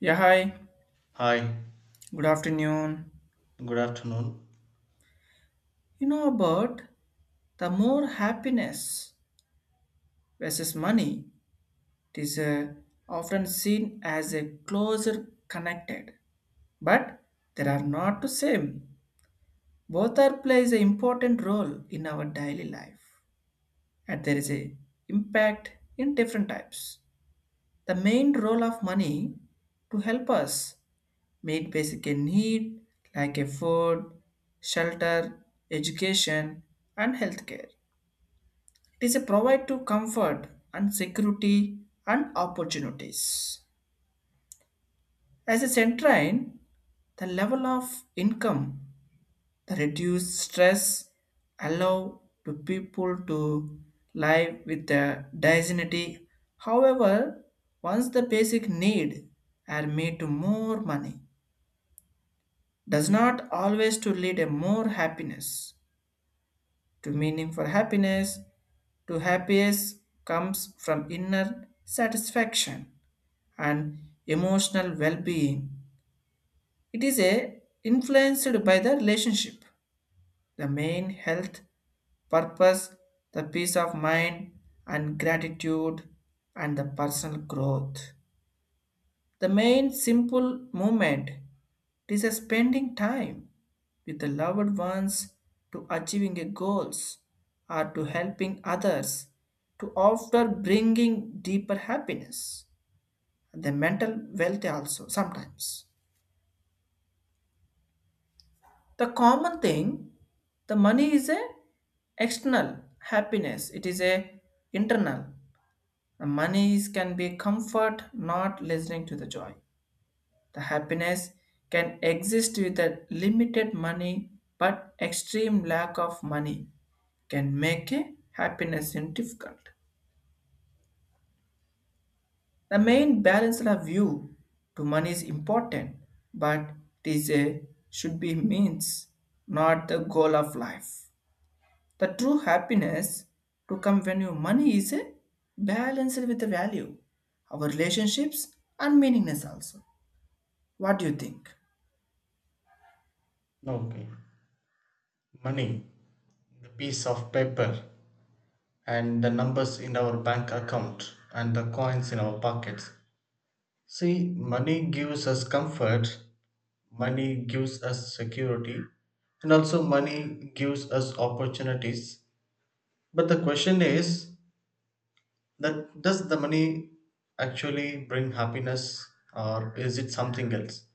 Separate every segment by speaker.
Speaker 1: Yeah, hi.
Speaker 2: Hi,
Speaker 1: Good afternoon.
Speaker 2: good afternoon.
Speaker 1: You know about the more happiness versus money it is often seen as a closer connected, but there are not the same. Both are plays an important role in our daily life, and there is a impact in different types. The main role of money to help us meet basic need like a food, shelter, education, and healthcare. It is a provide to comfort and security and opportunities. As a centrine, the level of income, the reduced stress allow to people to live with their dignity. However, once the basic need are made to more money, does not always to lead a more happiness. To meaning for happiness, to happiness comes from inner satisfaction and emotional well-being. It is a influenced by the relationship, the main health, purpose, the peace of mind and gratitude and the personal growth. The main simple movement is a spending time with the loved ones to achieving a goals or to helping others to after bringing deeper happiness the mental wealth also sometimes. The common thing, the money is a external happiness. It is a internal. The money is, can be comfort, not listening to the joy. The happiness can exist with a limited money, but extreme lack of money can make a happiness in difficult. The main balanced view to money is important, but it is a should be means, not the goal of life. The true happiness to come when your money is balanced with the value, our relationships and meaningness also. What do you think?
Speaker 2: Okay. Money, the piece of paper, and the numbers in our bank account, and the coins in our pockets. See, money gives us comfort, money gives us security, and also money gives us opportunities. But the question is that does the money actually bring happiness, or is it something else?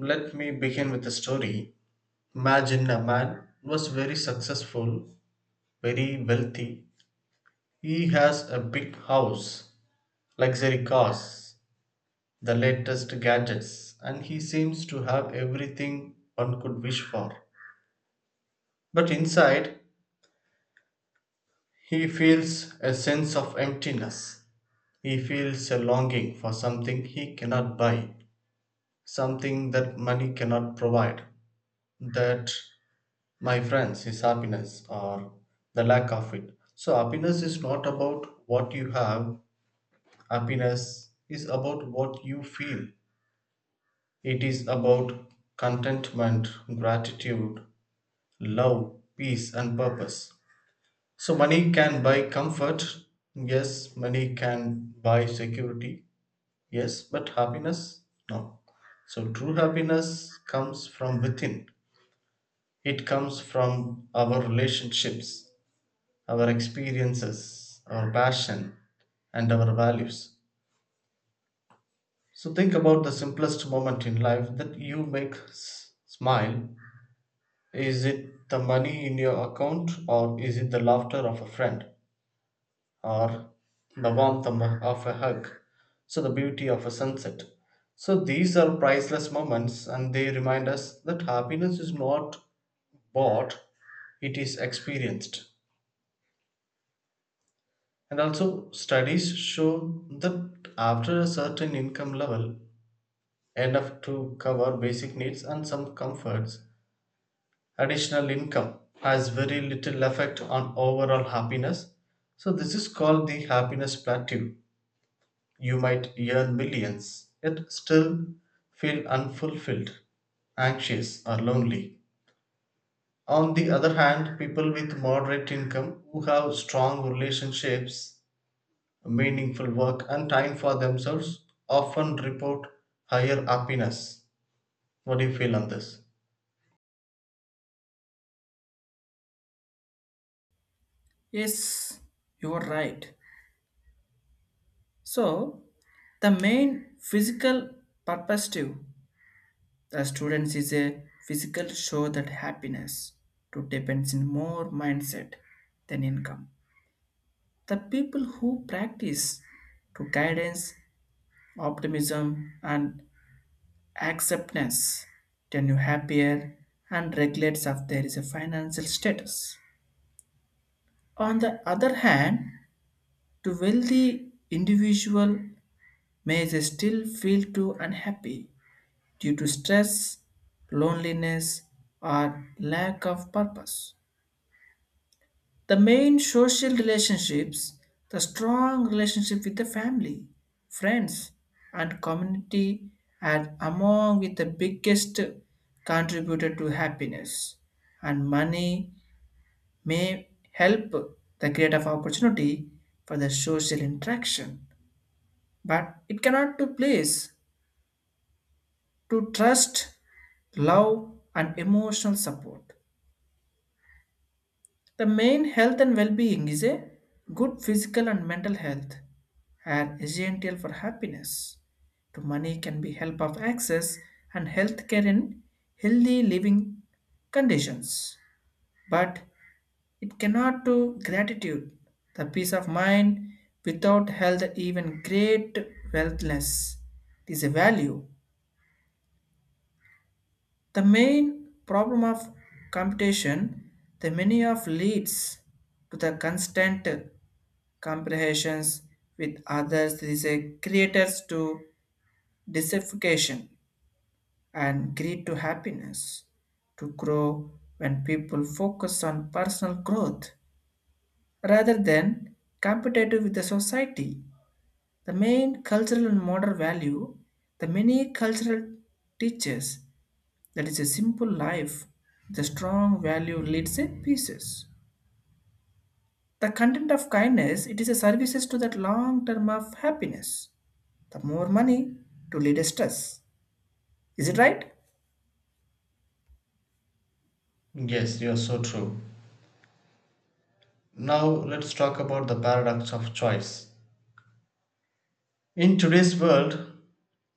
Speaker 2: Let me begin with a story. Imagine a man was very successful, very wealthy. He has a big house, luxury cars, the latest gadgets, and he seems to have everything one could wish for. But inside, he feels a sense of emptiness. He feels a longing for something he cannot buy, something that money cannot provide. That, my friends, is happiness, or the lack of it. So happiness is not about what you have, happiness is about what you feel. It is about contentment, gratitude, love, peace, and purpose. So money can buy comfort, yes, money can buy security, yes, but happiness, no. So true happiness comes from within, it comes from our relationships, our experiences, our passion, and our values. So think about the simplest moment in life that you make smile. Is it the money in your account, or is it the laughter of a friend, or the warmth of a hug, so the beauty of a sunset? So these are priceless moments, and they remind us that happiness is not bought; it is experienced. And also, studies show that after a certain income level, enough to cover basic needs and some comforts, additional income has very little effect on overall happiness. So this is called the happiness plateau. You might earn millions, yet still feel unfulfilled, anxious, or lonely. On the other hand, people with moderate income who have strong relationships, meaningful work and time for themselves often report higher happiness. What do you feel on this?
Speaker 1: Yes, you are right. So the main physical perspective the students is a physical show that happiness to depends in more mindset than income. The people who practice to guidance, optimism, and acceptance, then you happier, and regulates if there is a financial status. On the other hand, the wealthy individual may still feel too unhappy due to stress, loneliness, or lack of purpose. The main social relationships, the strong relationship with the family, friends, and community are among with the biggest contributor to happiness. And money may help the create of opportunity for the social interaction, but it cannot to place to trust, love, and emotional support. The main health and well-being is a good physical and mental health are essential for happiness. To money can be help of access and health care in healthy living conditions. But it cannot do gratitude, the peace of mind without health even great wealthless. It is a value. The main problem of competition, the many of leads to the constant comprehensions with others is a creators to dissatisfaction and greed to happiness to grow when people focus on personal growth rather than competitive with the society, the main cultural and moral value, the many cultural teaches that is a simple life, the strong value leads a pieces, the content of kindness it is a services to that long term of happiness. The more money to lead stress. Is it right?
Speaker 2: Yes, you're so true. Now let's talk about the paradox of choice. In today's world,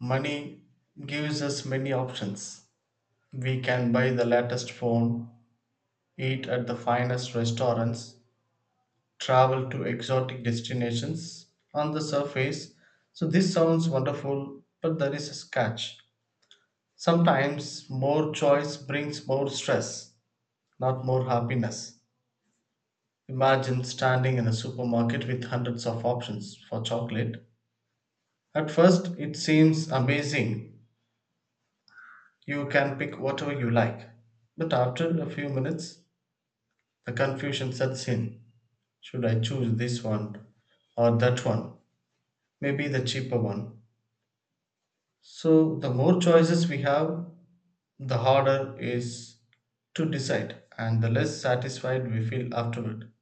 Speaker 2: money gives us many options. We can buy the latest phone, eat at the finest restaurants, travel to exotic destinations on the surface. So this sounds wonderful, but there is a catch. Sometimes more choice brings more stress, not more happiness. Imagine standing in a supermarket with hundreds of options for chocolate. At first, it seems amazing. You can pick whatever you like. But after a few minutes, the confusion sets in. Should I choose this one or that one? Maybe the cheaper one. So the more choices we have, the harder it is to decide and the less satisfied we feel afterward.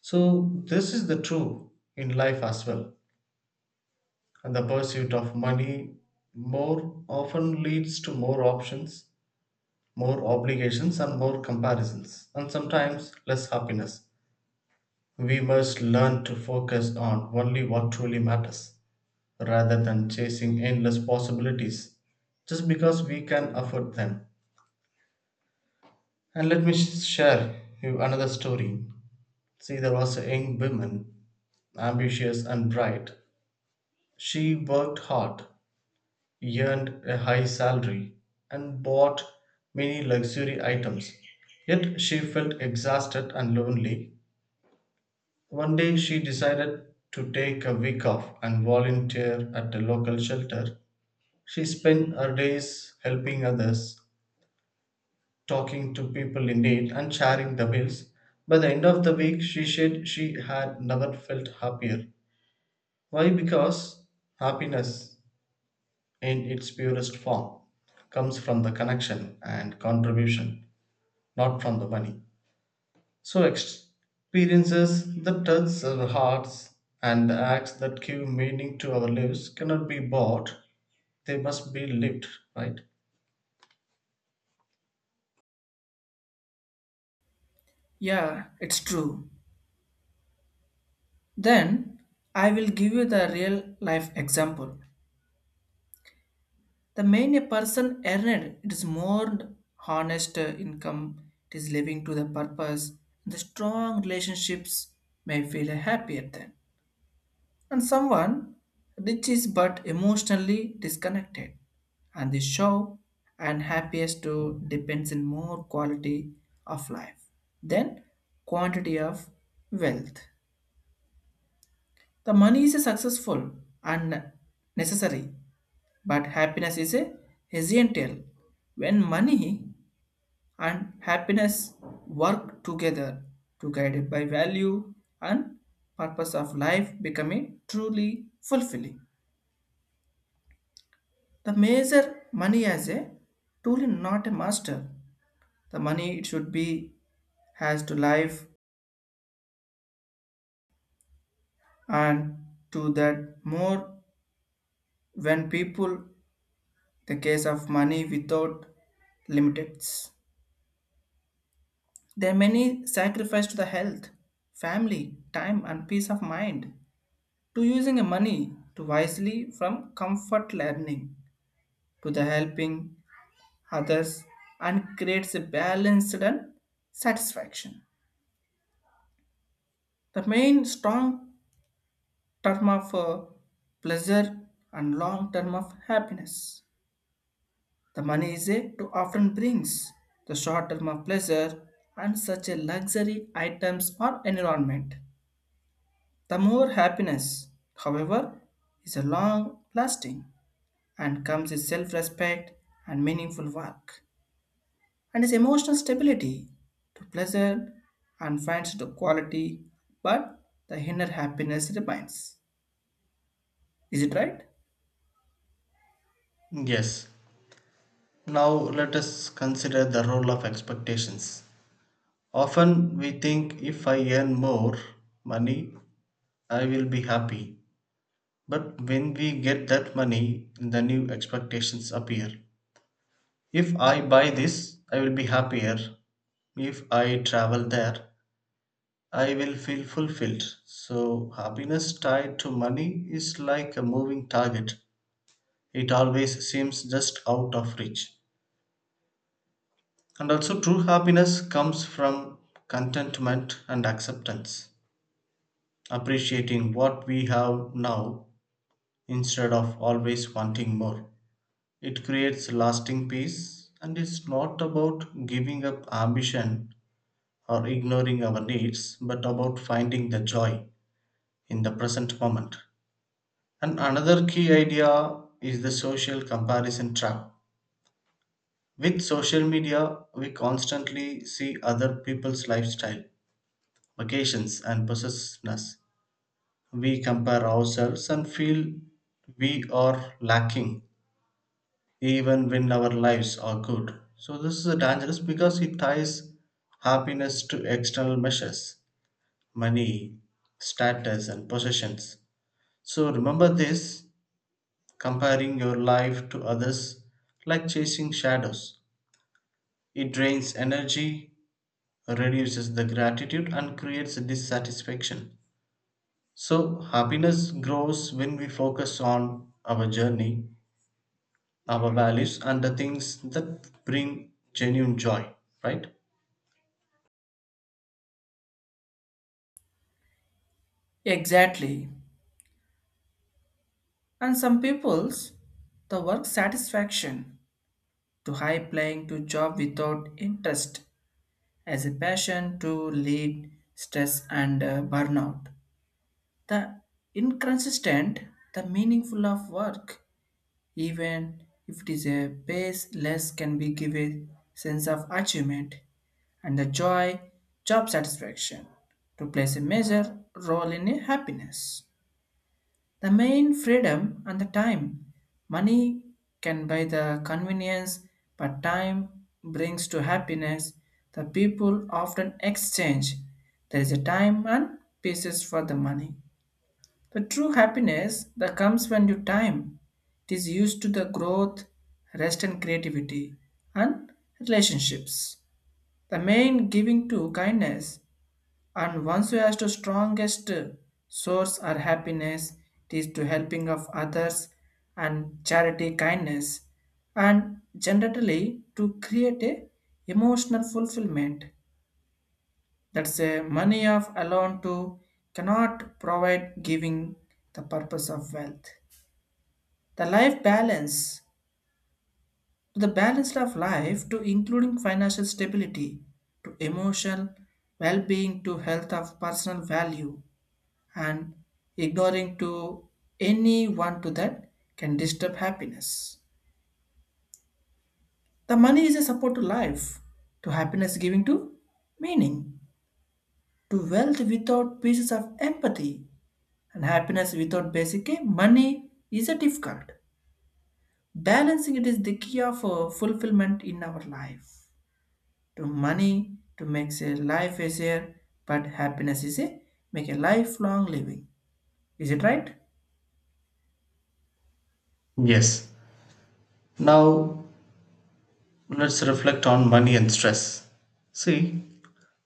Speaker 2: So this is the true in life as well. And the pursuit of money more often leads to more options, more obligations, and more comparisons, and sometimes less happiness. We must learn to focus on only what truly matters rather than chasing endless possibilities just because we can afford them. And let me share you another story. See, there was a young woman, ambitious and bright. She worked hard, earned a high salary, and bought many luxury items, yet she felt exhausted and lonely. One day she decided to take a week off and volunteer at a local shelter. She spent her days helping others, talking to people in need, and sharing the bills. By the end of the week, she said she had never felt happier. Why? Because happiness, in its purest form, comes from the connection and contribution, not from the money. So experiences that touch our hearts and acts that give meaning to our lives cannot be bought, they must be lived, right?
Speaker 1: Yeah, it's true. Then I will give you the real life example. The main a person earned it is more honest income, it is living to the purpose, the strong relationships may feel happier then. And someone rich is but emotionally disconnected and the show and happiest to depends in more quality of life than quantity of wealth, the money is successful and necessary but happiness is a essential when money and happiness work together to guided by value and purpose of life becoming truly fulfilling. The measure money as a tool and not a master. The money it should be has to life and to that more when people the case of money without limits. There are many sacrifice to the health, family, time and peace of mind to using a money to wisely from comfort learning to the helping others and creates a balanced and satisfaction. The main strong term of pleasure and long term of happiness. The money is a to often brings the short term of pleasure and such a luxury items or environment. The more happiness, however, is a long lasting and comes with self respect and meaningful work and is emotional stability to pleasure and financial quality, but the inner happiness remains. Is it right?
Speaker 2: Yes. Now let us consider the role of expectations. Often we think if I earn more money, I will be happy. But when we get that money, the new expectations appear. If I buy this, I will be happier. If I travel there, I will feel fulfilled. So happiness tied to money is like a moving target, it always seems just out of reach. And also, true happiness comes from contentment and acceptance, appreciating what we have now instead of always wanting more. It creates lasting peace and it's not about giving up ambition or ignoring our needs, but about finding the joy in the present moment. And another key idea is the social comparison trap. With social media, we constantly see other people's lifestyle, vacations, and possessiveness. We compare ourselves and feel we are lacking even when our lives are good. So this is dangerous because it ties happiness to external measures: money, status, and possessions. So remember this: comparing your life to others like chasing shadows. It drains energy, reduces the gratitude, and creates dissatisfaction. So happiness grows when we focus on our journey, our values, and the things that bring genuine joy, right?
Speaker 1: Exactly. And some people's the work satisfaction to high playing to job without interest as a passion to lead stress and burnout. The inconsistent, the meaningful of work, even if it is a base less can be give a sense of achievement and the joy, job satisfaction to plays a major role in a happiness. The main freedom and the time. Money can buy the convenience, but time brings to happiness. The people often exchange. There is a time and pieces for the money. The true happiness that comes when you time. It is used to the growth, rest and creativity, and relationships. The main giving to kindness and once you ask the strongest source or happiness, it is to helping of others and charity kindness and generally to create a emotional fulfillment. That's a money of alone to cannot provide giving the purpose of wealth. The life balance to the balance of life to including financial stability to emotional well-being to health of personal value and ignoring to anyone to that can disturb happiness. The money is a support to life, to happiness giving to meaning, to wealth without pieces of empathy, and happiness without basic money is a difficult. Balancing it is the key of fulfillment in our life. To money to make a life easier, but happiness is a make a lifelong living. Is it right?
Speaker 2: Yes. Now let's reflect on money and stress. See,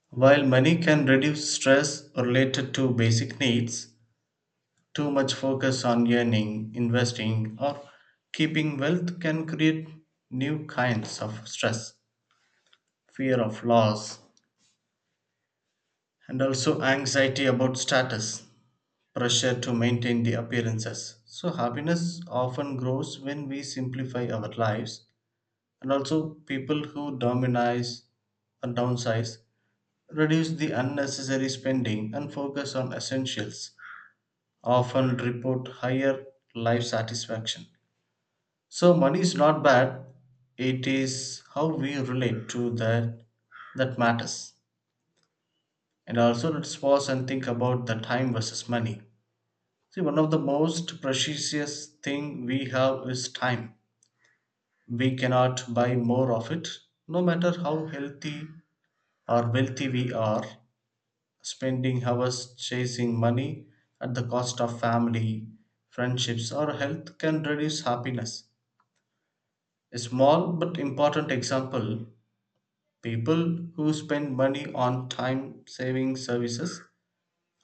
Speaker 2: while money can reduce stress related to basic needs, too much focus on earning, investing, or keeping wealth can create new kinds of stress, fear of loss, and also anxiety about status, pressure to maintain the appearances. So happiness often grows when we simplify our lives, and also people who dominize and downsize reduce the unnecessary spending and focus on essentials often report higher life satisfaction. So money is not bad. It is how we relate to that that matters. And also, let's pause and think about the time versus money. See, one of the most precious thing we have is time. We cannot buy more of it. No matter how healthy or wealthy we are, spending hours chasing money at the cost of family, friendships, or health can reduce happiness. A small but important example: people who spend money on time saving services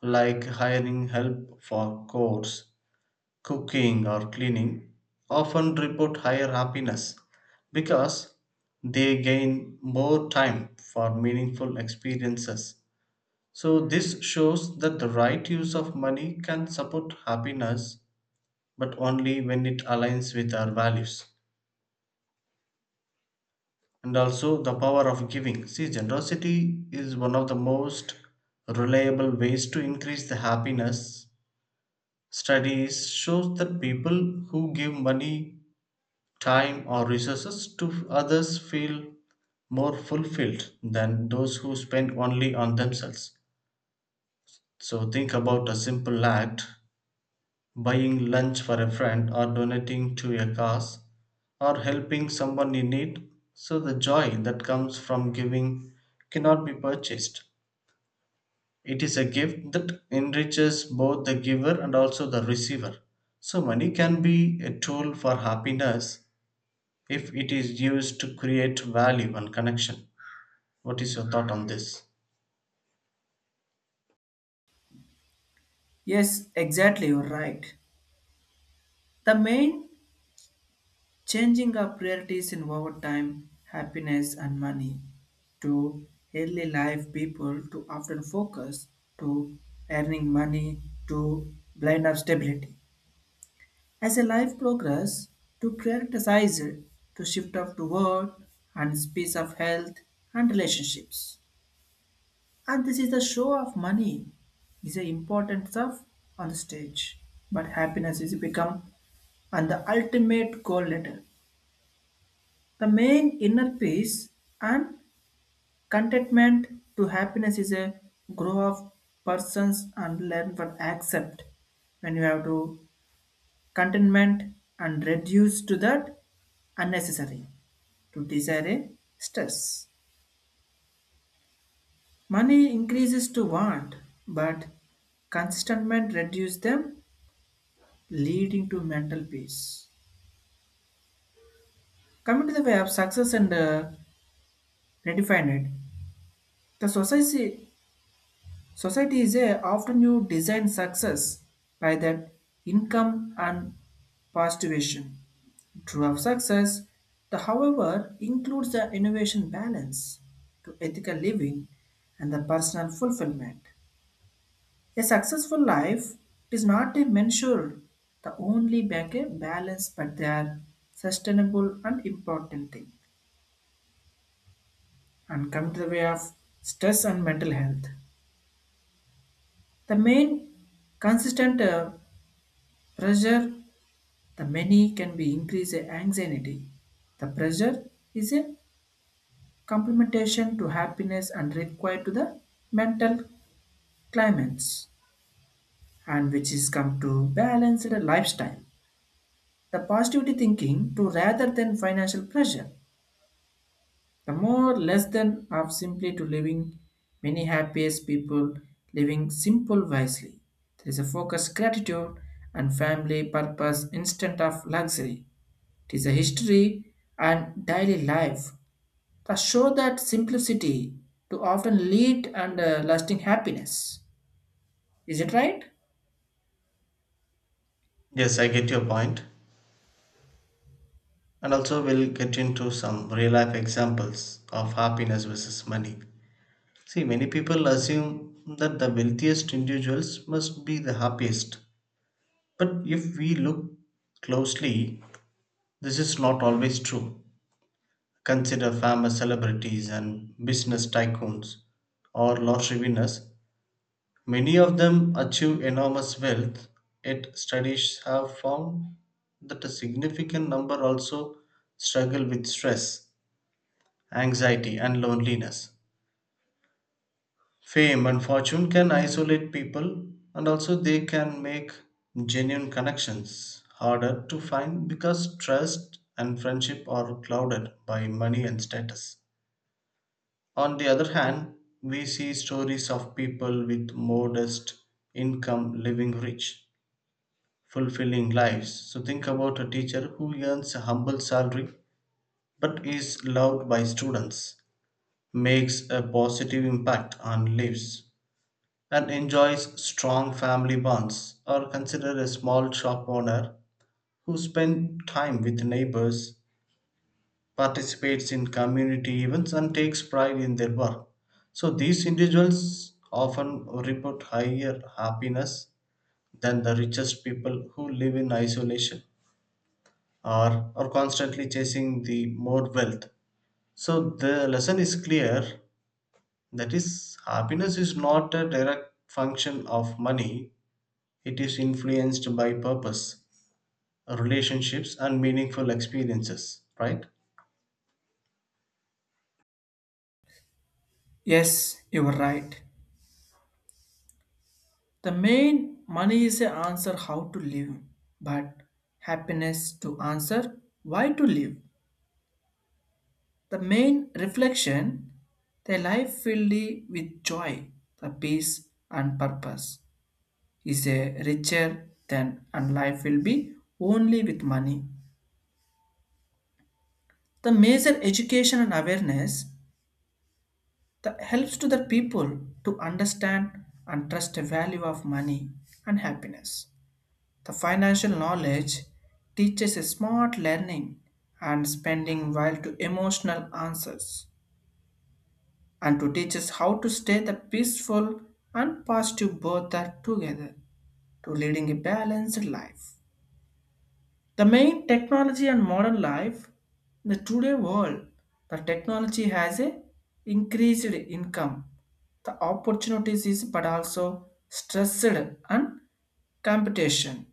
Speaker 2: like hiring help for chores, cooking, or cleaning often report higher happiness because they gain more time for meaningful experiences. So this shows that the right use of money can support happiness, but only when it aligns with our values. And also the power of giving. See, generosity is one of the most reliable ways to increase the happiness. Studies shows that people who give money, time or resources to others feel more fulfilled than those who spend only on themselves. So think about a simple act: buying lunch for a friend, or donating to a cause, or helping someone in need. So the joy that comes from giving cannot be purchased. It is a gift that enriches both the giver and also the receiver. So money can be a tool for happiness if it is used to create value and connection. What is your thought on this?
Speaker 1: Yes, exactly. You're right. The main changing our priorities involved time, happiness, and money. To early life people to often focus to earning money to blind of stability. As a life progress, to prioritize it, to shift up to work and space of health and relationships. And this is a show of money is the important stuff on the stage. But happiness is become and the ultimate goal later. The main inner peace and contentment to happiness is a grow of persons and learn what accept when you have to contentment and reduce to that unnecessary to desire a stress. Money increases to want, but consentment reduce them, leading to mental peace. Coming to the way of success and redefine it, the society is a often you design success by that income and postulation. True of success, the however includes the innovation balance to ethical living and the personal fulfillment. A successful life is not a measure the only back a balance, but they are sustainable and important thing. And come to the way of stress and mental health. The main consistent pressure the many can be increase the anxiety. The pressure is a complementation to happiness and required to the mental climates and which is come to balance the lifestyle. The positivity thinking to rather than financial pressure. The more less than of simply to living many happiest people living simple wisely. There is a focus gratitude and family purpose instant of luxury. It is a history and daily life first, show that simplicity to often lead and lasting happiness. Is it right?
Speaker 2: Yes, I get your point. And also, we'll get into some real life examples of happiness versus money. See, many people assume that the wealthiest individuals must be the happiest. But if we look closely, this is not always true. Consider famous celebrities and business tycoons or lottery winners. Many of them achieve enormous wealth, yet studies have found that a significant number also struggle with stress, anxiety, and loneliness. Fame and fortune can isolate people and also they can make genuine connections harder to find because trust and friendship are clouded by money and status. On the other hand, we see stories of people with modest income living rich, fulfilling lives. So think about a teacher who earns a humble salary but is loved by students, makes a positive impact and lives and enjoys strong family bonds, or consider a small shop owner who spends time with neighbors, participates in community events, and takes pride in their work. So these individuals often report higher happiness than the richest people who live in isolation or are constantly chasing the more wealth. So the lesson is clear, that is, happiness is not a direct function of money. It is influenced by purpose, relationships, and meaningful experiences, right?
Speaker 1: Yes, you are right. The main money is a answer how to live, but happiness to answer why to live. The main reflection, the life filled with joy, the peace and purpose is a richer than and life will be only with money. The major education and awareness that helps to the people to understand and trust the value of money and happiness. The financial knowledge teaches a smart learning and spending while to emotional answers and to teach us how to stay the peaceful and positive both are together to leading a balanced life. The main technology and modern life in the today world, the technology has a increased income. The opportunities is but also stressed and competition.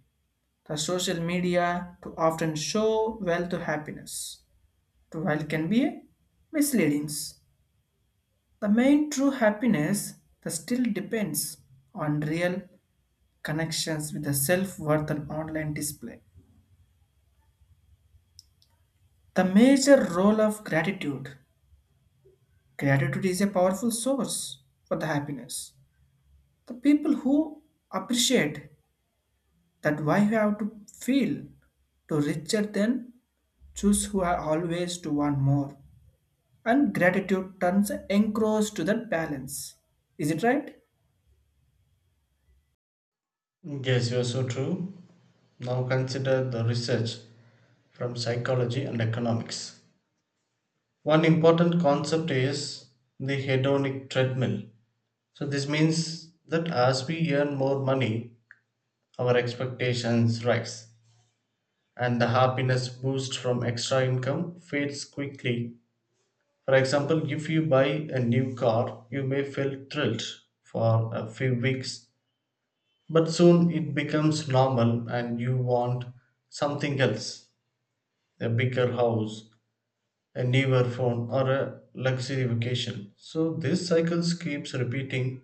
Speaker 1: The social media to often show wealth to happiness. To wealth can be a misleading. The main true happiness the still depends on real connections with the self-worth and online display. The major role of gratitude. Gratitude is a powerful source for the happiness. The people who appreciate that why you have to feel to richer than choose who are always to want more. And gratitude turns engrossed to that balance. Is it right?
Speaker 2: Yes, you are so true. Now consider the research from psychology and economics. One important concept is the hedonic treadmill. So this means that as we earn more money, our expectations rise, and the happiness boost from extra income fades quickly. For example, if you buy a new car, you may feel thrilled for a few weeks, but soon it becomes normal and you want something else: a bigger house, a newer phone, or a luxury vacation. So this cycle keeps repeating,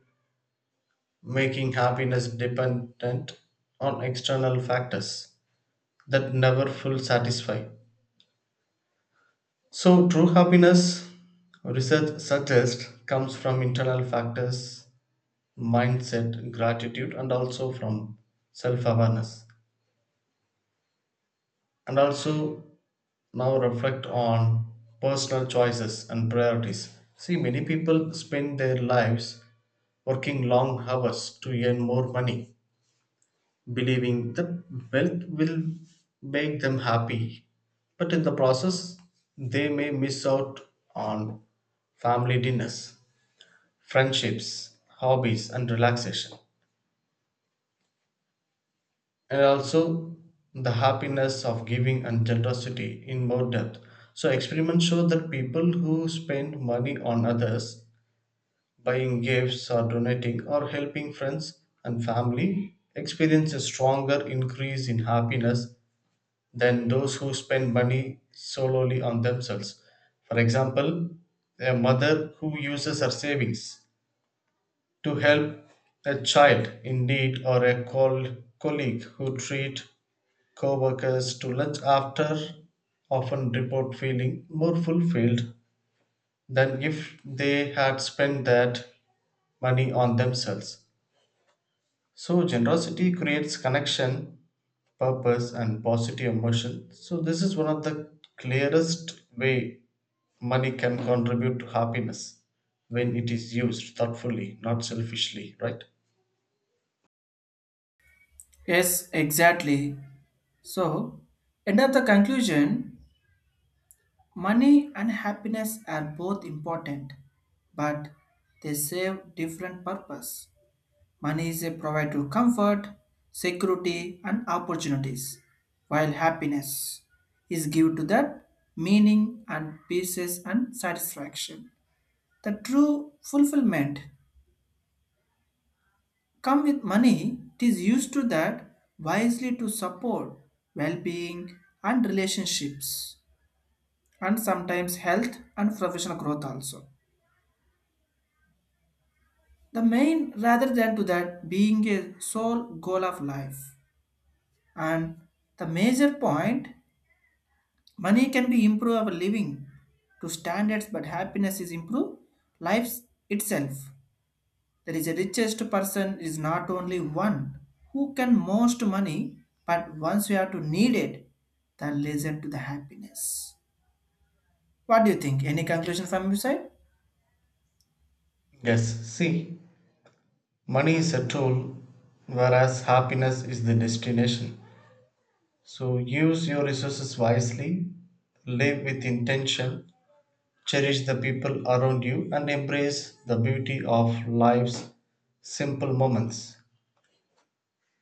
Speaker 2: making happiness dependent on external factors that never fully satisfy. So true happiness, research suggests, comes from internal factors: mindset, gratitude, and also from self awareness. And also now reflect on personal choices and priorities. See, many people spend their lives working long hours to earn more money, believing that wealth will make them happy. But in the process, they may miss out on family dinners, friendships, hobbies, and relaxation. And also the happiness of giving and generosity in more depth. So experiments show that people who spend money on others, buying gifts or donating or helping friends and family, experience a stronger increase in happiness than those who spend money solely on themselves. For example, a mother who uses her savings to help a child in need, or a colleague who treats co-workers to lunch after, often report feeling more fulfilled than if they had spent that money on themselves. So generosity creates connection, purpose and positive emotion. So this is one of the clearest way money can contribute to happiness when it is used thoughtfully, not selfishly, right?
Speaker 1: Yes, exactly. So, end of the conclusion, money and happiness are both important, but they serve different purpose. Money is a provider of comfort, security, and opportunities, while happiness is given to that meaning and peace and satisfaction. The true fulfillment come with money. It is used to that wisely to support well-being and relationships, and sometimes health and professional growth also. The main rather than to that being a sole goal of life, and the major point money can be improve our living to standards, but happiness is improve life itself. There is a richest person is not only one who can most money, but once we are to need it, then listen to the happiness. What do you think? Any conclusion from your side?
Speaker 2: Yes, see, money is a tool whereas happiness is the destination. So use your resources wisely, live with intention, cherish the people around you, and embrace the beauty of life's simple moments.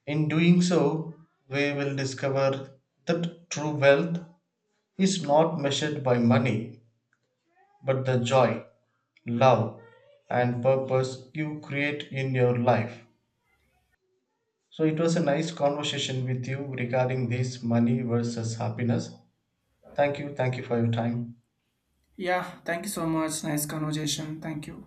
Speaker 2: In doing so, we will discover that true wealth is not measured by money, but the joy, love, and purpose you create in your life. So it was a nice conversation with you regarding this money versus happiness. Thank you. Thank you for your time.
Speaker 1: Yeah, thank you so much. Nice conversation. Thank you.